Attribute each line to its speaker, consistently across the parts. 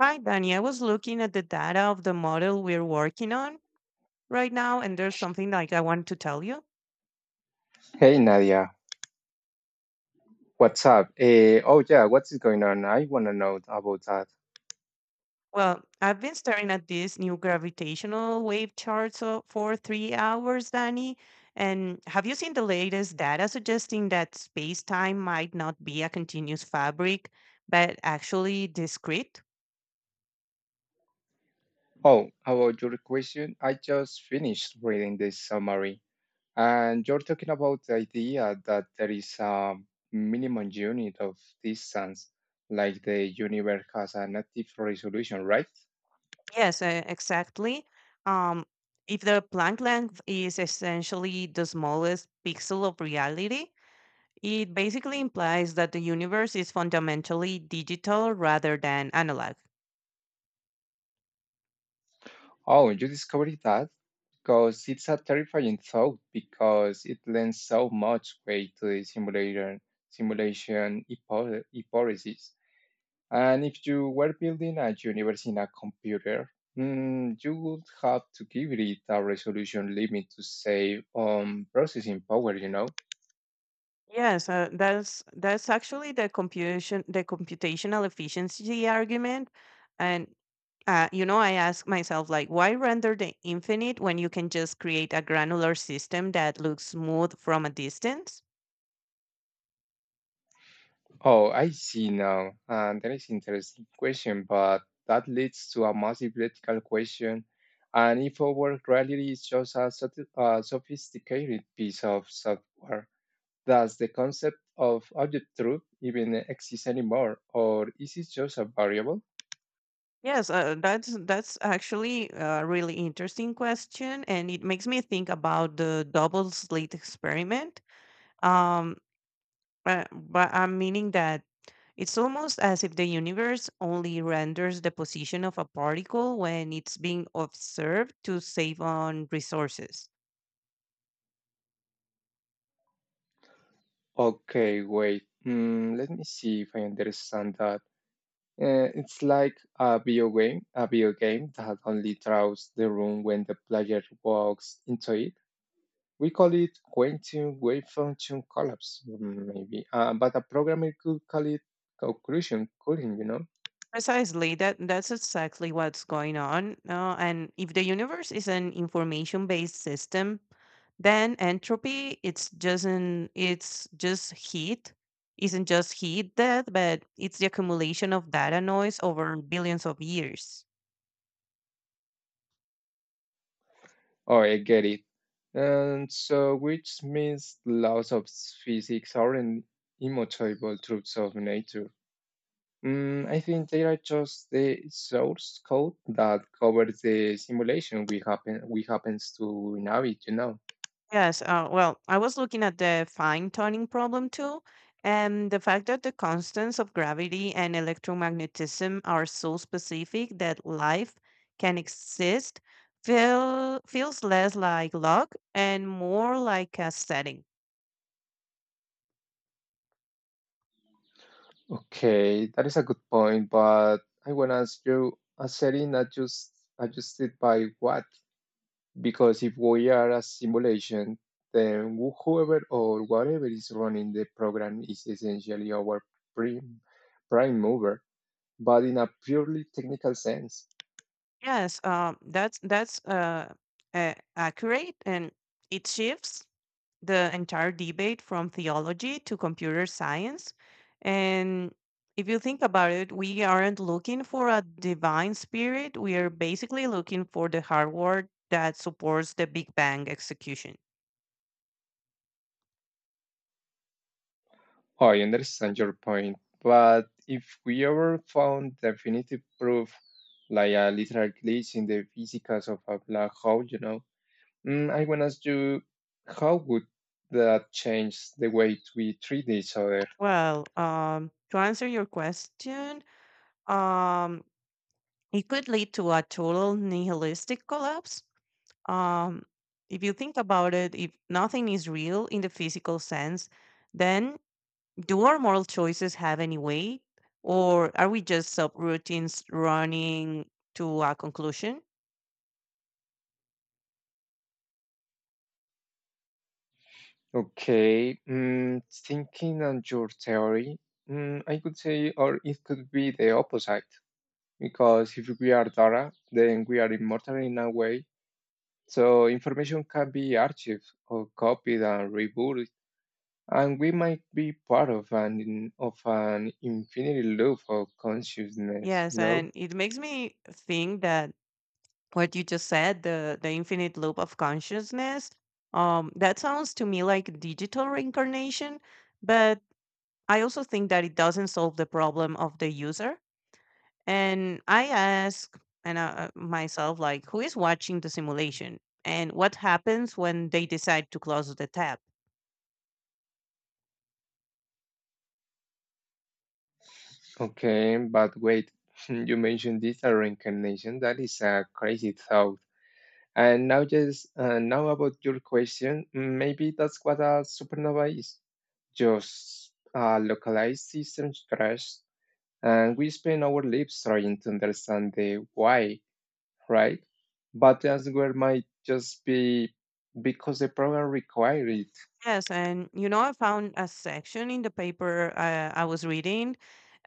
Speaker 1: Hi, Danny. I was looking at the data of the model we're working on right now, and there's something like I want to tell you.
Speaker 2: Hey Nadia, what's up? Oh yeah, what's going on? I wanna know about that.
Speaker 1: Well, I've been staring at these new gravitational wave charts for 3 hours, Danny. And have you seen the latest data suggesting that space-time might not be a continuous fabric, but actually discrete?
Speaker 2: Oh, about your question, I just finished reading this summary, and you're talking about the idea that there is a minimum unit of distance, like the universe has a native resolution, right?
Speaker 1: Yes, exactly. Um, if the Planck length is essentially the smallest pixel of reality, it basically implies that the universe is fundamentally digital rather than analog.
Speaker 2: Oh, you discovered that because it's a terrifying thought because it lends so much weight to the simulation hypothesis. And if you were building a universe in a computer, mm, you would have to give it a resolution limit to save processing power, you know?
Speaker 1: Yes, that's actually the computational efficiency argument, and you know, I ask myself, like, why render the infinite when you can just create a granular system that looks smooth from a distance?
Speaker 2: Oh, I see now. And that is interesting question, but that leads to a massive ethical question. And if our reality is just a sophisticated piece of software, does the concept of object truth even exist anymore, or is it just a variable?
Speaker 1: Yes, that's actually a really interesting question, and it makes me think about the double slit experiment. Um, but I'm meaning that it's almost as if the universe only renders the position of a particle when it's being observed to save on resources.
Speaker 2: Okay, wait. Hmm, let me see if I understand that. It's like a video game that only draws the room when the player walks into it. We call it quantum wave function collapse, mm, maybe. But a programmer could call it conclusion cooling, you know?
Speaker 1: Precisely, that's exactly what's going on. And if the universe is an information-based system, then entropy it's just heat, isn't just heat death, but it's the accumulation of data noise over billions of years.
Speaker 2: Oh, I get it. And so, which means laws of physics aren't immutable truths of nature. Mm, I think they are just the source code that covers the simulation we happens to inhabit, you know.
Speaker 1: Yes, well, I was looking at the fine tuning problem too, and the fact that the constants of gravity and electromagnetism are so specific that life can exist feels less like luck and more like a setting.
Speaker 2: Okay, that is a good point, but I want to ask you a setting adjusted by what? Because if we are a simulation, then whoever or whatever is running the program is essentially our prime, prime mover, but in a purely technical sense.
Speaker 1: Yes, that's accurate, and it shifts the entire debate from theology to computer science. And if you think about it, we aren't looking for a divine spirit. We are basically looking for the hardware that supports the Big Bang execution.
Speaker 2: Oh, I understand your point, but if we ever found definitive proof, like a literal glitch in the physics of a black hole, you know, mm, I want to ask you, how would that change the way we treat each other?
Speaker 1: Well, to answer your question, um, it could lead to a total nihilistic collapse. Um, if you think about it, if nothing is real in the physical sense, then do our moral choices have any weight, or are we just subroutines running to a conclusion?
Speaker 2: Okay, mm, thinking on your theory, mm, I could say, or it could be the opposite, because if we are data, then we are immortal in a way. So information can be archived or copied and rebooted and we might be part of an infinity loop of consciousness.
Speaker 1: Yes,
Speaker 2: No,
Speaker 1: and it makes me think that what you just said, the infinite loop of consciousness, that sounds to me like digital reincarnation, but I also think that it doesn't solve the problem of the user. And I ask and myself, like, who is watching the simulation, and what happens when they decide to close the tab?
Speaker 2: okay, but wait, you mentioned digital reincarnation. That is a crazy thought. And now, just now about your question, maybe that's what a supernova is. Just a localized system crash, and we spend our lives trying to understand the why, right? But the answer might just be because the program required it.
Speaker 1: Yes, and you know, I found a section in the paper I was reading,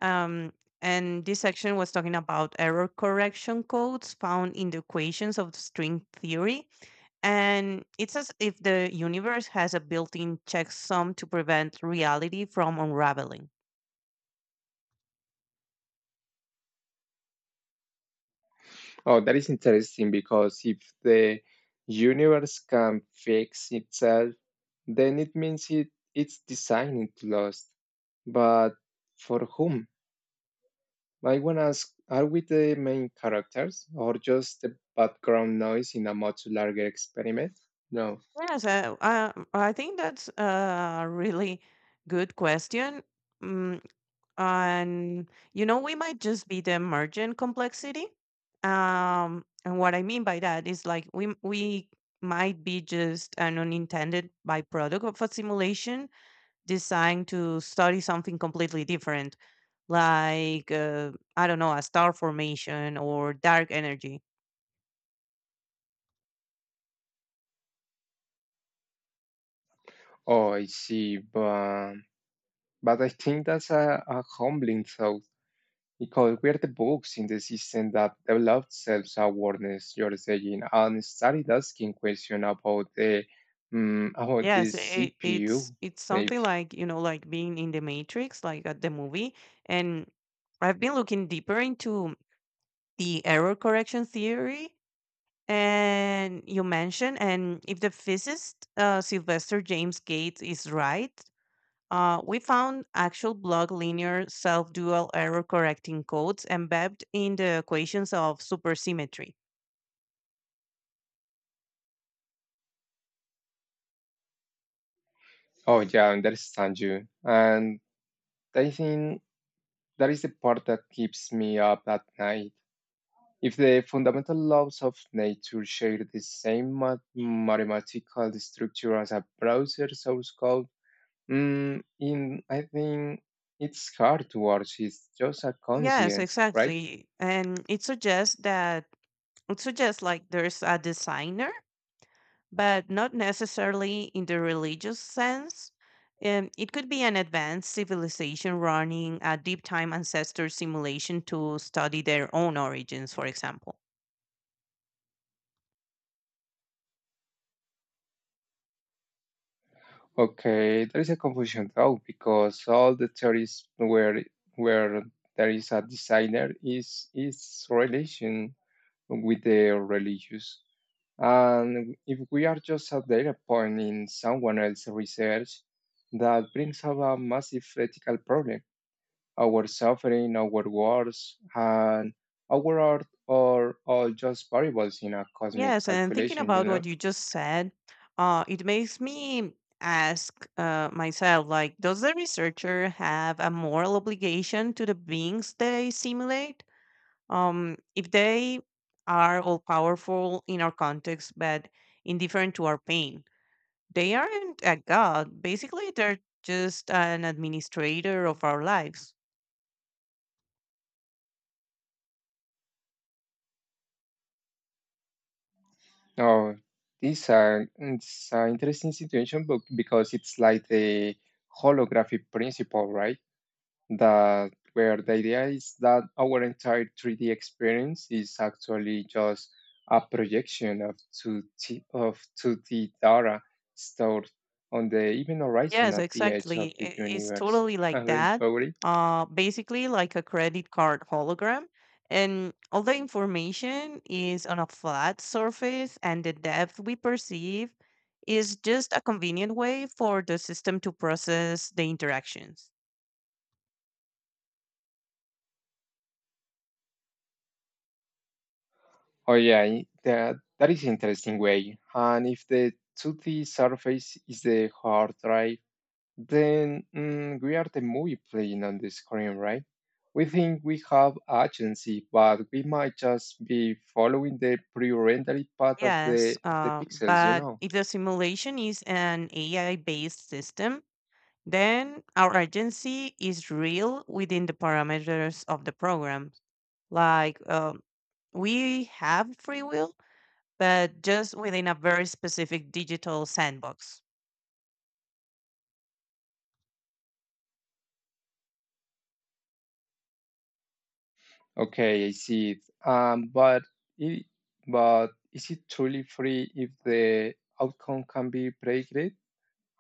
Speaker 1: um, and this section was talking about error correction codes found in the equations of string theory. And it's as if the universe has a built-in checksum to prevent reality from unraveling.
Speaker 2: Oh, that is interesting because if the universe can fix itself, then it means it's designed to last. But for whom? I want to ask, are we the main characters or just the background noise in a much larger experiment? No.
Speaker 1: Yes, I think that's a really good question. Mm, and you know, we might just be the emergent complexity, and what I mean by that is, like, we might be just an unintended byproduct of a simulation designed to study something completely different, like, I don't know, a star formation or dark energy.
Speaker 2: Oh, I see. But I think that's a humbling thought. Because could we're the books in the system that developed self-awareness, you're saying, and started asking questions about the
Speaker 1: Yes, it's
Speaker 2: CPU,
Speaker 1: it's
Speaker 2: maybe.
Speaker 1: something like, you know, like being in the Matrix, like at the movie. And I've been looking deeper into the error correction theory and you mentioned, and if the physicist Sylvester James Gates is right, we found actual block linear self-dual error correcting codes embedded in the equations of supersymmetry.
Speaker 2: Oh yeah, I understand you. And I think that is the part that keeps me up at night. If the fundamental laws of nature share the same mathematical structure as a browser source code, mm, in I think it's hard to watch. It's just a
Speaker 1: Yes,
Speaker 2: conscience, right?
Speaker 1: exactly, and it suggests that it suggests like there's a designer, but not necessarily in the religious sense. It could be an advanced civilization running a deep time ancestor simulation to study their own origins, for example.
Speaker 2: Okay, there is a confusion though, because all the theories where where there is a designer is relation with the religious. And if we are just a data point in someone else's research, that brings up a massive ethical problem. Our suffering, our wars, and our art are all just variables in a cosmic
Speaker 1: Yes, and thinking
Speaker 2: calculation, you
Speaker 1: about
Speaker 2: know?
Speaker 1: what you just said, it makes me ask myself, like, does the researcher have a moral obligation to the beings they simulate? If they are all powerful in our context, but indifferent to our pain, they aren't a god. Basically, they're just an administrator of our lives.
Speaker 2: Oh, this it's an interesting situation, but because it's like the holographic principle, right? That where the idea is that our entire 3D experience is actually just a projection of 2D data stored on the even horizon
Speaker 1: Yes,
Speaker 2: at the edge of
Speaker 1: exactly.
Speaker 2: the
Speaker 1: It's
Speaker 2: universe.
Speaker 1: totally like
Speaker 2: Aren't
Speaker 1: that.
Speaker 2: you agree?
Speaker 1: Basically, like a credit card hologram. And all the information is on a flat surface, and the depth we perceive is just a convenient way for the system to process the interactions.
Speaker 2: Oh yeah, that that is interesting way. And if the 2D surface is the hard drive, then mm, we are the movie playing on the screen, right? We think we have agency, but we might just be following the pre-rendered path of
Speaker 1: Yes,
Speaker 2: the pixels, you
Speaker 1: but
Speaker 2: know.
Speaker 1: if the simulation is an AI-based system, then our agency is real within the parameters of the program. Like, we have free will, but just within a very specific digital sandbox.
Speaker 2: Okay, I see it. But it, but is it truly free if the outcome can be predicted?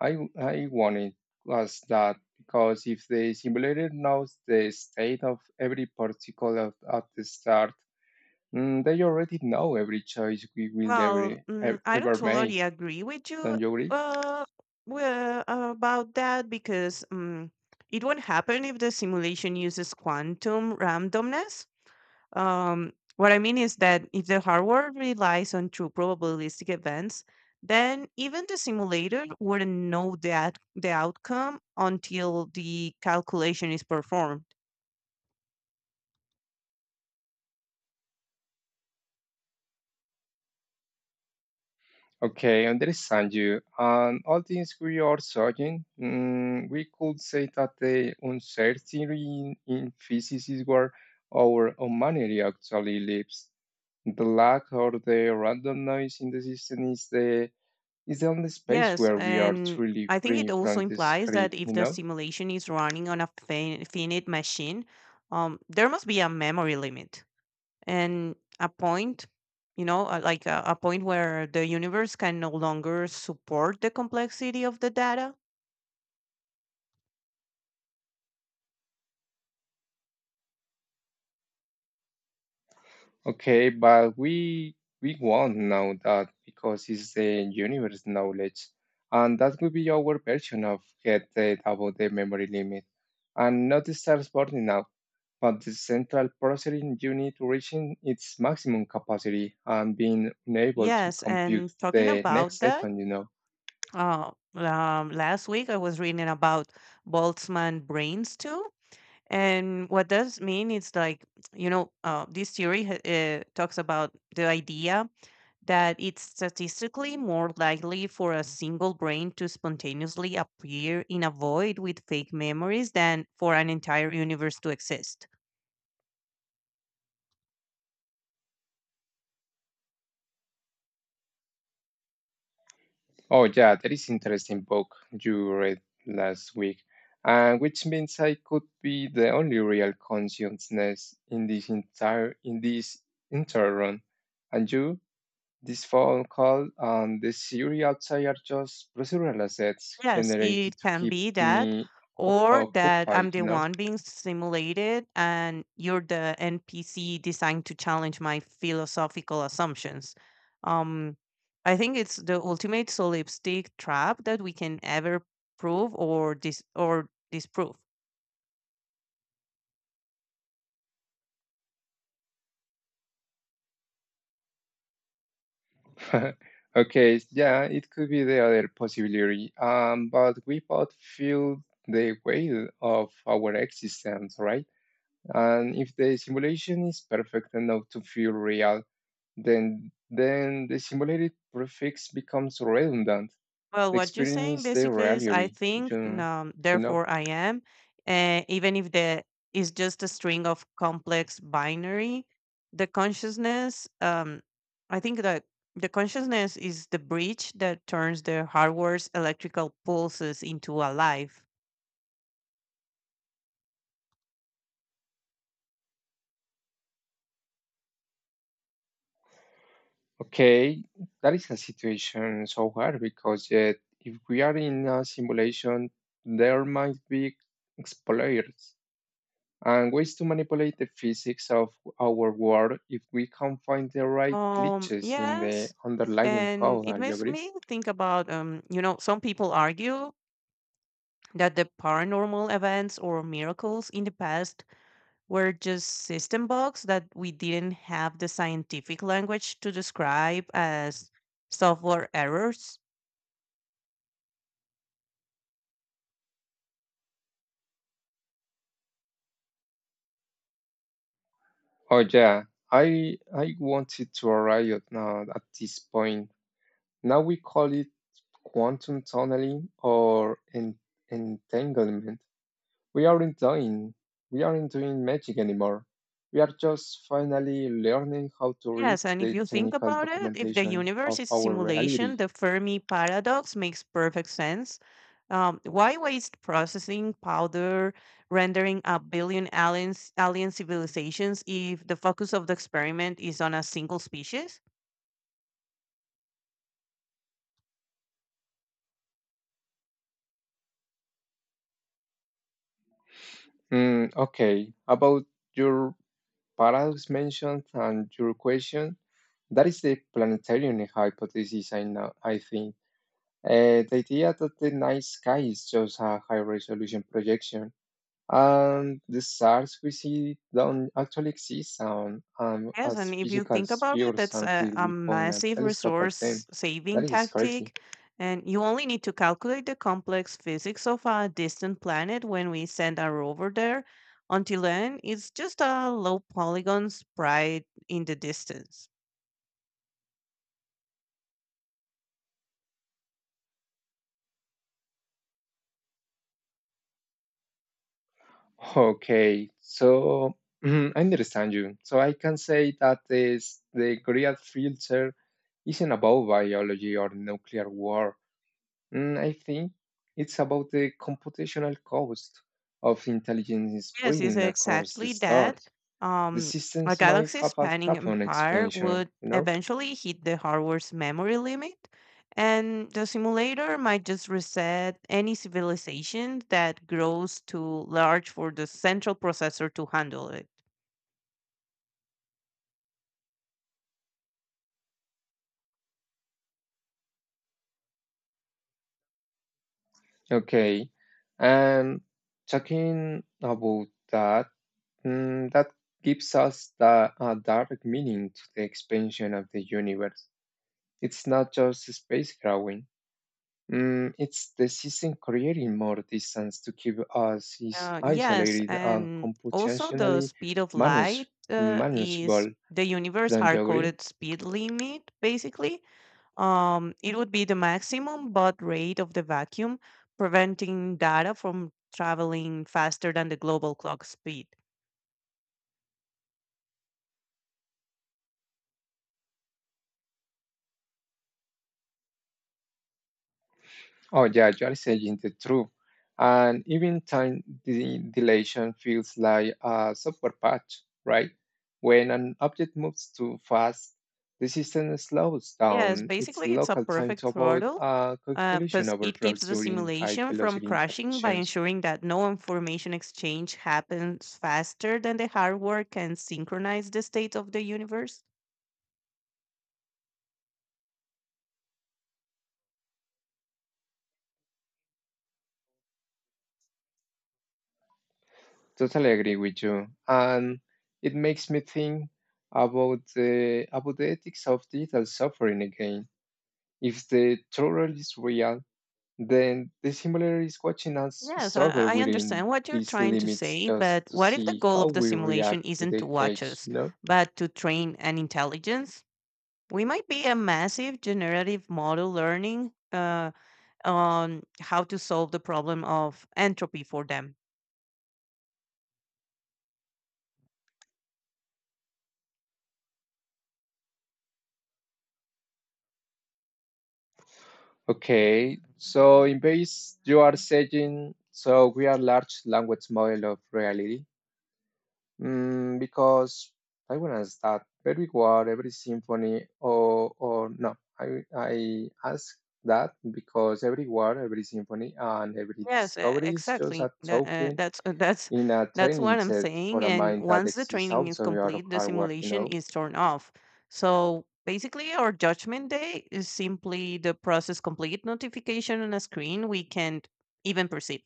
Speaker 2: I wanted was that because if the simulator knows the state of every particle at the start. Mm, they already know every choice we will
Speaker 1: Well, I don't
Speaker 2: ever make,
Speaker 1: totally agree with you
Speaker 2: don't you agree?
Speaker 1: uh, about that, because it won't happen if the simulation uses quantum randomness. What I mean is that if the hardware relies on true probabilistic events, then even the simulator wouldn't know that the outcome until the calculation is performed.
Speaker 2: Okay, understand you. And all things we are searching, mm, we could say that the uncertainty in physics is where our humanity actually lives. The lack or the random noise in the system is the only space
Speaker 1: Yes,
Speaker 2: where we are
Speaker 1: and
Speaker 2: truly
Speaker 1: I think it
Speaker 2: free
Speaker 1: also
Speaker 2: from the
Speaker 1: implies that
Speaker 2: script,
Speaker 1: if
Speaker 2: you
Speaker 1: the
Speaker 2: know?
Speaker 1: simulation is running on a finite machine, there must be a memory limit and a point, you know, like a point where the universe can no longer support the complexity of the data.
Speaker 2: Okay, but we won't know that because it's the universe knowledge, and that will be our version of get it about the memory limit, and not the stars burning out, but the central processing unit reaching its maximum capacity and being unable to
Speaker 1: Yes,
Speaker 2: compute
Speaker 1: and talking
Speaker 2: the next
Speaker 1: about that,
Speaker 2: second. You know.
Speaker 1: last week I was reading about Boltzmann brains too. And what does mean is like, you know, this theory talks about the idea that it's statistically more likely for a single brain to spontaneously appear in a void with fake memories than for an entire universe to exist.
Speaker 2: Oh, yeah, that is interesting book you read last week, and which means I could be the only real consciousness in this entire run. And you, this phone call and the theory outside are just procedural assets
Speaker 1: Yes,
Speaker 2: generated
Speaker 1: it
Speaker 2: to
Speaker 1: can
Speaker 2: keep
Speaker 1: be that,
Speaker 2: me
Speaker 1: or that
Speaker 2: occupied,
Speaker 1: I'm the
Speaker 2: you know?
Speaker 1: one being simulated and you're the NPC designed to challenge my philosophical assumptions. Um, I think it's the ultimate solipsistic trap that we can ever prove or dis or disprove.
Speaker 2: Okay, yeah, it could be the other possibility. But we both feel the weight of our existence, right? And if the simulation is perfect enough to feel real, then the simulated prefix becomes redundant.
Speaker 1: Well,
Speaker 2: The
Speaker 1: what you're saying
Speaker 2: experience is the
Speaker 1: basically is, I
Speaker 2: reality.
Speaker 1: think,
Speaker 2: You know.
Speaker 1: therefore I am, and even if the is just a string of complex binary, the consciousness, um, I think that the consciousness is the bridge that turns the hardware's electrical pulses into a life.
Speaker 2: Okay, that is a situation so hard because yet if we are in a simulation, there might be exploits and ways to manipulate the physics of our world if we can find the right glitches in the
Speaker 1: Yes,
Speaker 2: underlying
Speaker 1: and
Speaker 2: code.
Speaker 1: it
Speaker 2: Are you
Speaker 1: makes
Speaker 2: agree?
Speaker 1: me think about, you know, some people argue that the paranormal events or miracles in the past were just system bugs that we didn't have the scientific language to describe as software errors.
Speaker 2: Oh yeah, I wanted to arrive at this point. Now we call it quantum tunneling or entanglement. We aren't doing we aren't doing magic anymore. We are just finally learning how to read
Speaker 1: Yes, and if
Speaker 2: the
Speaker 1: you think
Speaker 2: technical
Speaker 1: about it, if the
Speaker 2: documentation
Speaker 1: universe
Speaker 2: of
Speaker 1: is
Speaker 2: our
Speaker 1: simulation,
Speaker 2: reality.
Speaker 1: the Fermi paradox makes perfect sense. Why waste processing powder rendering a alien civilizations if the focus of the experiment is on a single species?
Speaker 2: Mm, okay, about your paradox mentioned and your question, that is the planetary hypothesis. I know. I think. The idea that the night sky is just a high resolution projection and the stars we see don't actually exist
Speaker 1: Yes,
Speaker 2: as
Speaker 1: and if you
Speaker 2: physical
Speaker 1: think about it,
Speaker 2: spheres
Speaker 1: that's
Speaker 2: until
Speaker 1: a
Speaker 2: we point a
Speaker 1: massive
Speaker 2: telescope at them.
Speaker 1: resource
Speaker 2: That
Speaker 1: saving
Speaker 2: is crazy.
Speaker 1: tactic. And you only need to calculate the complex physics of a distant planet when we send a rover there. Until then, it's just a low polygon sprite in the distance.
Speaker 2: Okay, so mm, I understand you. So I can say that the Great Filter isn't about biology or nuclear war. Mm, I think it's about the computational cost of intelligence
Speaker 1: Yes, it's
Speaker 2: spreading across the
Speaker 1: exactly that.
Speaker 2: stars. The
Speaker 1: Um, a
Speaker 2: systems might
Speaker 1: galaxy
Speaker 2: have a
Speaker 1: spanning
Speaker 2: carbon
Speaker 1: empire
Speaker 2: expansion,
Speaker 1: would
Speaker 2: you know?
Speaker 1: eventually hit the hardware's memory limit, and the simulator might just reset any civilization that grows too large for the central processor to handle it.
Speaker 2: Okay. And talking about that, mm, that gives us a direct meaning to the expansion of the universe. It's not just space growing, mm, it's the system creating more distance to keep us is
Speaker 1: Yes,
Speaker 2: isolated and
Speaker 1: and also the
Speaker 2: computationally
Speaker 1: speed of
Speaker 2: manage-
Speaker 1: light is
Speaker 2: manageable.
Speaker 1: the universe
Speaker 2: Don't you agree?
Speaker 1: hard-coded speed limit, basically. It would be the maximum baud rate of the vacuum, preventing data from traveling faster than the global clock speed.
Speaker 2: Oh, yeah, you are saying the truth. And even time dilation feels like a software patch, right? When an object moves too fast, the system slows
Speaker 1: Yes,
Speaker 2: down its
Speaker 1: basically, it's a
Speaker 2: local time
Speaker 1: perfect
Speaker 2: to avoid
Speaker 1: throttle
Speaker 2: a calculation
Speaker 1: because it
Speaker 2: overflow
Speaker 1: keeps the
Speaker 2: during high
Speaker 1: simulation from
Speaker 2: velocity
Speaker 1: crashing by
Speaker 2: interactions.
Speaker 1: ensuring that no information exchange happens faster than the hardware can synchronize the state of the universe.
Speaker 2: Totally agree with you. And it makes me think about the ethics of digital suffering again. If the tutorial is real, then the simulator is watching us
Speaker 1: Yes,
Speaker 2: struggle
Speaker 1: I
Speaker 2: within
Speaker 1: understand what you're
Speaker 2: these
Speaker 1: trying to
Speaker 2: limits
Speaker 1: say, but
Speaker 2: just to
Speaker 1: what if the
Speaker 2: see
Speaker 1: goal
Speaker 2: how
Speaker 1: of the
Speaker 2: we react
Speaker 1: simulation
Speaker 2: to
Speaker 1: isn't
Speaker 2: the
Speaker 1: to watch
Speaker 2: cage,
Speaker 1: us,
Speaker 2: you know?
Speaker 1: but to train an intelligence? We might be a massive generative model learning on how to solve the problem of entropy for them.
Speaker 2: Okay, so in base, you are saying, so we are large language model of reality. Mm, because I want to start every word, every symphony, or no, I ask that because every word, every symphony, and every
Speaker 1: Yes,
Speaker 2: discovery is just
Speaker 1: exactly.
Speaker 2: a
Speaker 1: That, uh,
Speaker 2: token
Speaker 1: that's uh, that's
Speaker 2: in a
Speaker 1: that's
Speaker 2: training
Speaker 1: what I'm
Speaker 2: set
Speaker 1: saying.
Speaker 2: for a
Speaker 1: And
Speaker 2: mind that
Speaker 1: once the
Speaker 2: exists
Speaker 1: training is
Speaker 2: outside your
Speaker 1: complete, the
Speaker 2: hardware, you
Speaker 1: simulation
Speaker 2: know?
Speaker 1: is turned off. So basically, our judgment day is simply the process complete notification on a screen we can't even perceive.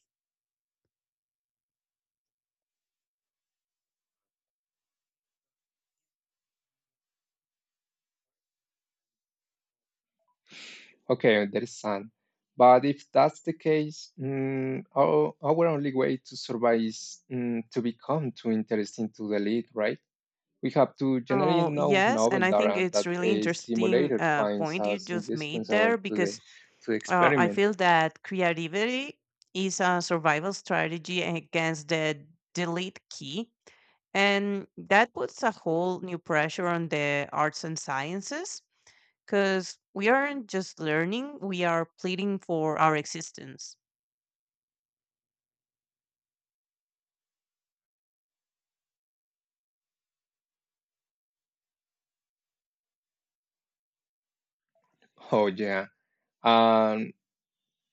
Speaker 2: Okay, there is sun. But if that's the case, mm, our only way to survive is mm, to become too interesting to delete, right? We have to generate
Speaker 1: Oh,
Speaker 2: no
Speaker 1: yes,
Speaker 2: novel
Speaker 1: and I think
Speaker 2: data
Speaker 1: it's
Speaker 2: that
Speaker 1: really
Speaker 2: a
Speaker 1: interesting
Speaker 2: simulator finds
Speaker 1: point you
Speaker 2: us
Speaker 1: just made
Speaker 2: indispensable
Speaker 1: there,
Speaker 2: to
Speaker 1: because
Speaker 2: the
Speaker 1: I
Speaker 2: experiment.
Speaker 1: feel that creativity is a survival strategy against the delete key, and that puts a whole new pressure on the arts and sciences because we aren't just learning; we are pleading for our existence.
Speaker 2: Oh yeah. And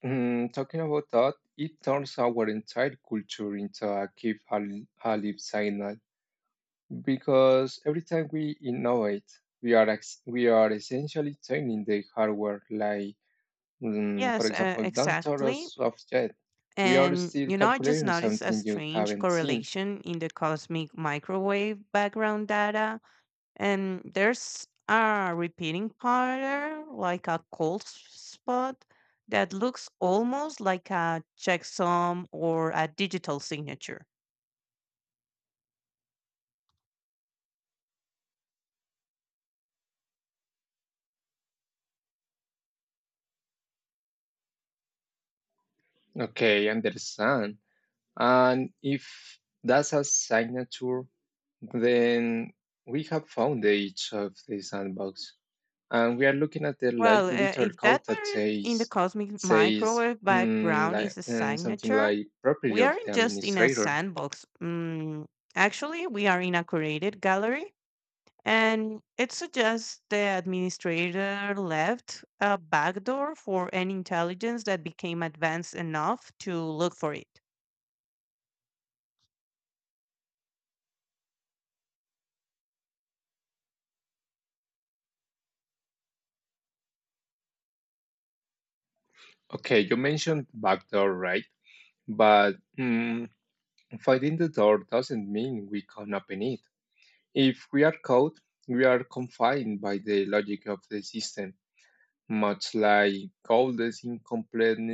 Speaker 2: mm, talking about that, it turns our entire culture into a keep alive sign because every time we innovate, we are essentially changing the hardware. Like, mm, for
Speaker 1: Yes,
Speaker 2: example, don't throw
Speaker 1: exactly.
Speaker 2: us off yet. We are
Speaker 1: And
Speaker 2: still
Speaker 1: you know, I just
Speaker 2: calculating
Speaker 1: noticed a
Speaker 2: something you
Speaker 1: strange
Speaker 2: haven't seen.
Speaker 1: correlation in the cosmic microwave background data. And there's a repeating pattern, like a cold spot, that looks almost like a checksum or a digital signature.
Speaker 2: Okay, understand. And if that's a signature, then we have found the edge of the sandbox. And we are looking at the
Speaker 1: Well,
Speaker 2: literal
Speaker 1: if
Speaker 2: code
Speaker 1: that
Speaker 2: that
Speaker 1: pattern in the
Speaker 2: says
Speaker 1: cosmic
Speaker 2: says
Speaker 1: microwave
Speaker 2: mm,
Speaker 1: background
Speaker 2: like
Speaker 1: is a
Speaker 2: and something
Speaker 1: signature,
Speaker 2: like property
Speaker 1: we
Speaker 2: of
Speaker 1: aren't
Speaker 2: the
Speaker 1: just in a
Speaker 2: administrator.
Speaker 1: sandbox. Actually, we are in a curated gallery. And it suggests the administrator left a backdoor for any intelligence that became advanced enough to look for it.
Speaker 2: Okay, you mentioned backdoor, right? But mm, finding the door doesn't mean we can open it. If we are caught, we are confined by the logic of the system. Much like Gauss's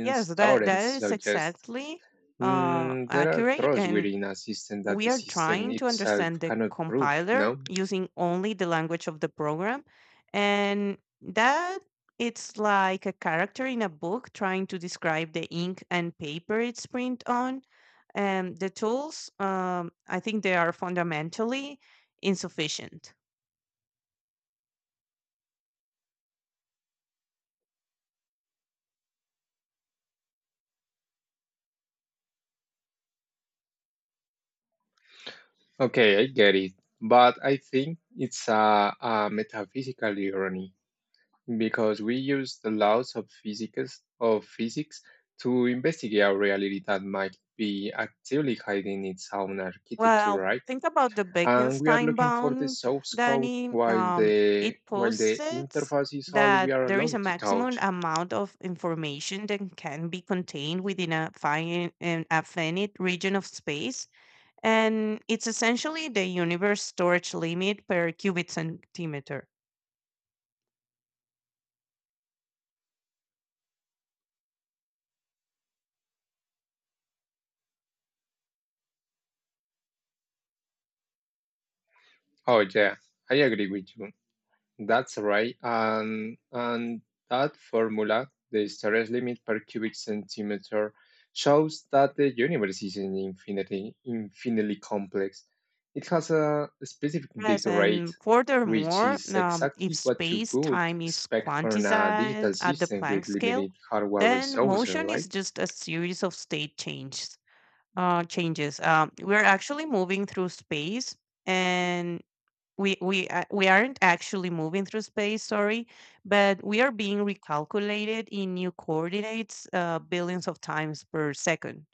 Speaker 1: Yes, that
Speaker 2: theorem
Speaker 1: that is
Speaker 2: suggests,
Speaker 1: exactly
Speaker 2: mm, there are
Speaker 1: accurate,
Speaker 2: truths
Speaker 1: and
Speaker 2: within a system that
Speaker 1: we
Speaker 2: the
Speaker 1: are
Speaker 2: system
Speaker 1: trying to
Speaker 2: itself
Speaker 1: understand the
Speaker 2: cannot prove, you
Speaker 1: compiler
Speaker 2: know?
Speaker 1: using only the language of the program, and that it's like a character in a book trying to describe the ink and paper it's print on. And the tools, I think, they are fundamentally insufficient.
Speaker 2: Okay, I get it. But I think it's a metaphysical irony because we use the laws of physics to investigate a reality that might be actively hiding its own architecture,
Speaker 1: Well,
Speaker 2: right?
Speaker 1: think about the
Speaker 2: And we are
Speaker 1: Wittgenstein
Speaker 2: looking for the
Speaker 1: bound,
Speaker 2: source code
Speaker 1: Danny.
Speaker 2: while
Speaker 1: It
Speaker 2: the
Speaker 1: posits
Speaker 2: interface is all we
Speaker 1: that
Speaker 2: are
Speaker 1: there is a
Speaker 2: allowed to
Speaker 1: maximum
Speaker 2: touch.
Speaker 1: amount of information that can be contained within a finite, an a finite region of space, and it's essentially the universe storage limit per cubic centimeter.
Speaker 2: Oh yeah, I agree with you. That's right. And that formula, the storage limit per cubic centimeter, shows that the universe is an infinitely complex. It has a specific bit
Speaker 1: Yes,
Speaker 2: rate,
Speaker 1: and
Speaker 2: which
Speaker 1: furthermore,
Speaker 2: is
Speaker 1: if
Speaker 2: exactly what you could
Speaker 1: space-time is
Speaker 2: expect from a digital
Speaker 1: quantized at the
Speaker 2: system with
Speaker 1: Planck scale,
Speaker 2: limited hardware
Speaker 1: then
Speaker 2: resources,
Speaker 1: motion
Speaker 2: right?
Speaker 1: is just a series of state changes. We're actually moving through space, and we a- We aren't actually moving through space. Sorry, but we are being recalculated in new coordinates, billions of times per second.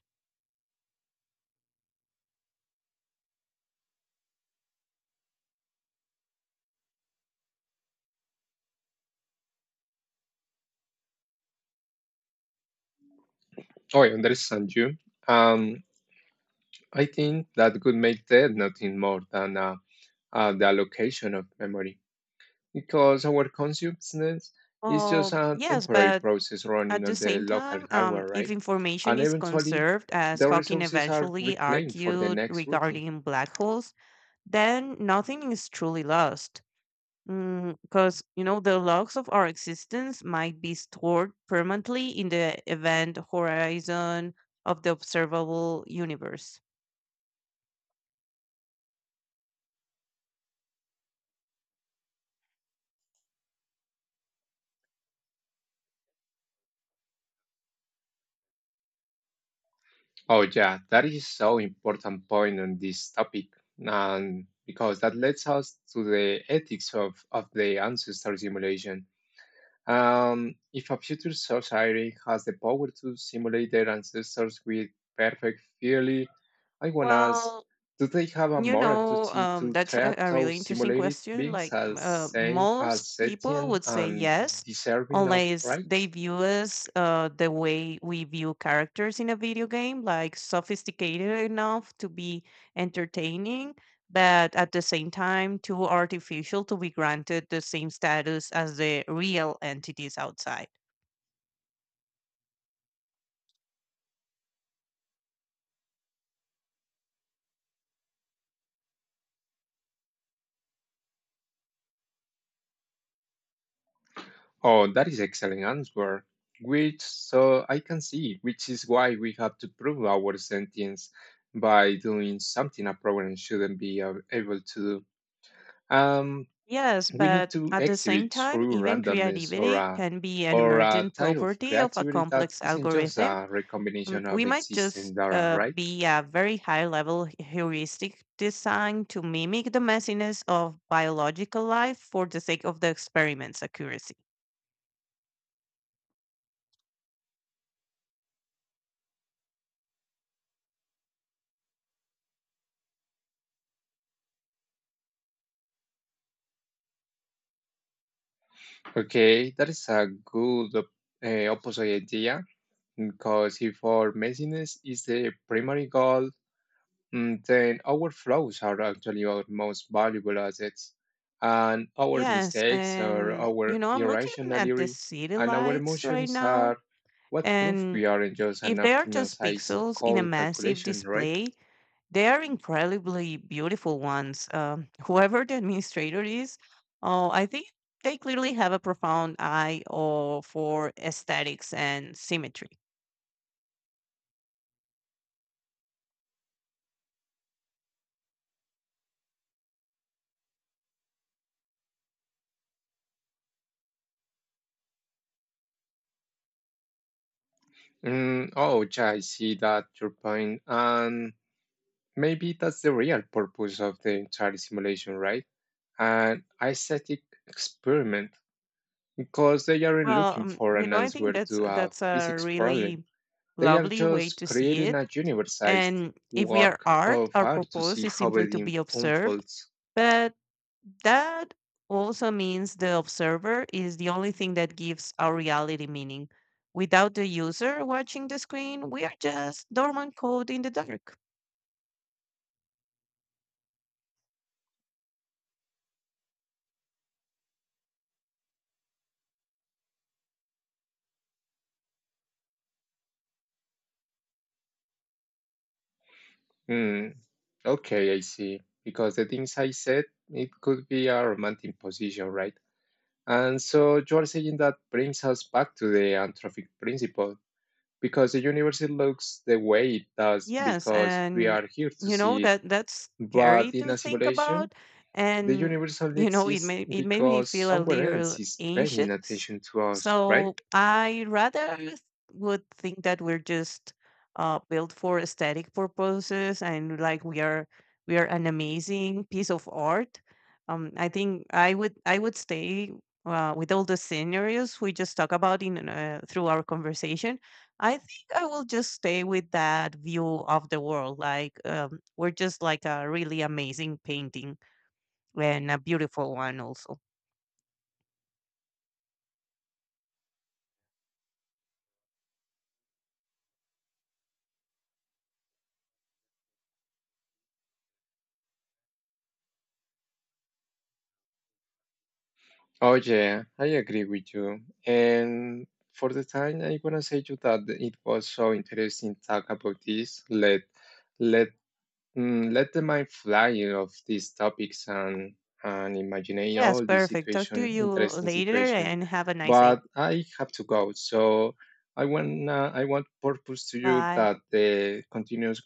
Speaker 2: Oh, I understand you. Um, I think that could make that nothing more than the allocation of memory, because our consciousness is just
Speaker 1: Oh
Speaker 2: a
Speaker 1: yes,
Speaker 2: temporary
Speaker 1: but
Speaker 2: process running
Speaker 1: at the
Speaker 2: on the
Speaker 1: same
Speaker 2: local
Speaker 1: time,
Speaker 2: hardware,
Speaker 1: if
Speaker 2: right?
Speaker 1: information
Speaker 2: And
Speaker 1: is
Speaker 2: eventually,
Speaker 1: conserved, as
Speaker 2: the
Speaker 1: Hawking
Speaker 2: resources are
Speaker 1: eventually
Speaker 2: reclaimed for the
Speaker 1: argued
Speaker 2: next routine.
Speaker 1: regarding black holes, then nothing is truly lost. Because, you know, the logs of our existence might be stored permanently in the event horizon of the observable universe.
Speaker 2: Oh, yeah, that is so important point on this topic, and because that leads us to the ethics of the ancestor simulation. If a future society has the power to simulate their ancestors with perfect fidelity, I want to ask,
Speaker 1: Well,
Speaker 2: do they have a
Speaker 1: you
Speaker 2: moral
Speaker 1: know,
Speaker 2: duty to
Speaker 1: that's
Speaker 2: treat
Speaker 1: a really
Speaker 2: those
Speaker 1: interesting
Speaker 2: simulated
Speaker 1: question.
Speaker 2: beings
Speaker 1: Like,
Speaker 2: as, say,
Speaker 1: most
Speaker 2: as
Speaker 1: people
Speaker 2: sentient
Speaker 1: would say
Speaker 2: and
Speaker 1: yes,
Speaker 2: deserving of
Speaker 1: unless they
Speaker 2: rights?
Speaker 1: view us the way we view characters in a video game, like sophisticated enough to be entertaining, but at the same time, too artificial to be granted the same status as the real entities outside.
Speaker 2: Oh, that is excellent answer. Which, so I can see, which is why we have to prove our sentience by doing something a program shouldn't be able to do. Um,
Speaker 1: Yes,
Speaker 2: we need
Speaker 1: but
Speaker 2: to
Speaker 1: at the same
Speaker 2: exhibit
Speaker 1: time,
Speaker 2: true
Speaker 1: even
Speaker 2: randomness or
Speaker 1: creativity can be an
Speaker 2: a
Speaker 1: emergent
Speaker 2: type of
Speaker 1: property of a
Speaker 2: creativity that
Speaker 1: complex
Speaker 2: isn't just
Speaker 1: algorithm.
Speaker 2: a recombination of
Speaker 1: We might just
Speaker 2: existing data, right?
Speaker 1: be a very high level heuristic designed to mimic the messiness of biological life for the sake of the experiment's accuracy.
Speaker 2: Okay, that is a good opposite idea because if our messiness is the primary goal, mm, then our flaws are actually our most valuable assets, and our
Speaker 1: Yes,
Speaker 2: mistakes are
Speaker 1: and
Speaker 2: our
Speaker 1: you know, I'm looking at the
Speaker 2: irrationality,
Speaker 1: city
Speaker 2: and our
Speaker 1: lights right
Speaker 2: emotions
Speaker 1: now,
Speaker 2: are what proof
Speaker 1: and
Speaker 2: we aren't just an
Speaker 1: if they are just
Speaker 2: optimized
Speaker 1: pixels in a
Speaker 2: cold
Speaker 1: massive
Speaker 2: calculation, right?
Speaker 1: display, they are incredibly beautiful ones. Whoever the administrator is, oh, I think they clearly have a profound eye or for aesthetics and symmetry.
Speaker 2: Mm, oh, yeah, I see that your point, and maybe that's the real purpose of the entire simulation, right? An aesthetic experiment, because they aren't
Speaker 1: Well,
Speaker 2: looking for
Speaker 1: you
Speaker 2: an
Speaker 1: know, I
Speaker 2: answer
Speaker 1: think that's
Speaker 2: to a
Speaker 1: that's a
Speaker 2: physics problem.
Speaker 1: really
Speaker 2: They are
Speaker 1: lovely way
Speaker 2: just
Speaker 1: to see
Speaker 2: creating
Speaker 1: it.
Speaker 2: a universalized
Speaker 1: And if we are
Speaker 2: work
Speaker 1: art,
Speaker 2: of
Speaker 1: our
Speaker 2: art to
Speaker 1: purpose
Speaker 2: see
Speaker 1: is
Speaker 2: how
Speaker 1: simply
Speaker 2: it
Speaker 1: to be observed.
Speaker 2: unfolds.
Speaker 1: But that also means the observer is the only thing that gives our reality meaning. Without the user watching the screen, we are just dormant code in the dark.
Speaker 2: Hmm, okay, I see. Because the things I said, it could be a romantic position, right? And so you are saying that brings us back to the anthropic principle, because the universe looks the way it does
Speaker 1: Yes,
Speaker 2: because we
Speaker 1: and
Speaker 2: are here to
Speaker 1: you know
Speaker 2: see it.
Speaker 1: that that's
Speaker 2: But
Speaker 1: scary
Speaker 2: in
Speaker 1: to
Speaker 2: a
Speaker 1: think
Speaker 2: simulation,
Speaker 1: about,
Speaker 2: the
Speaker 1: and
Speaker 2: universe only
Speaker 1: you know,
Speaker 2: exists
Speaker 1: it made me
Speaker 2: because
Speaker 1: feel a
Speaker 2: someone else
Speaker 1: little
Speaker 2: is paying
Speaker 1: anxious.
Speaker 2: attention to us, right?
Speaker 1: So I would think that we're just built for aesthetic purposes, and like we are an amazing piece of art. I think I would stay with all the scenarios we just talk about in through our conversation. I I will just stay with that view of the world. Like, we're just like a really amazing painting, and a beautiful one, also.
Speaker 2: Oh yeah, I agree with you. And for the time, I wanna say to that it was so interesting talk about this. Let let Mm, let the mind fly of these topics and imagine
Speaker 1: Yes,
Speaker 2: all the
Speaker 1: perfect. Talk to you
Speaker 2: interesting
Speaker 1: later
Speaker 2: situation.
Speaker 1: and have a nice
Speaker 2: But
Speaker 1: day.
Speaker 2: I have to go, so I want purpose to you
Speaker 1: Bye.
Speaker 2: that continues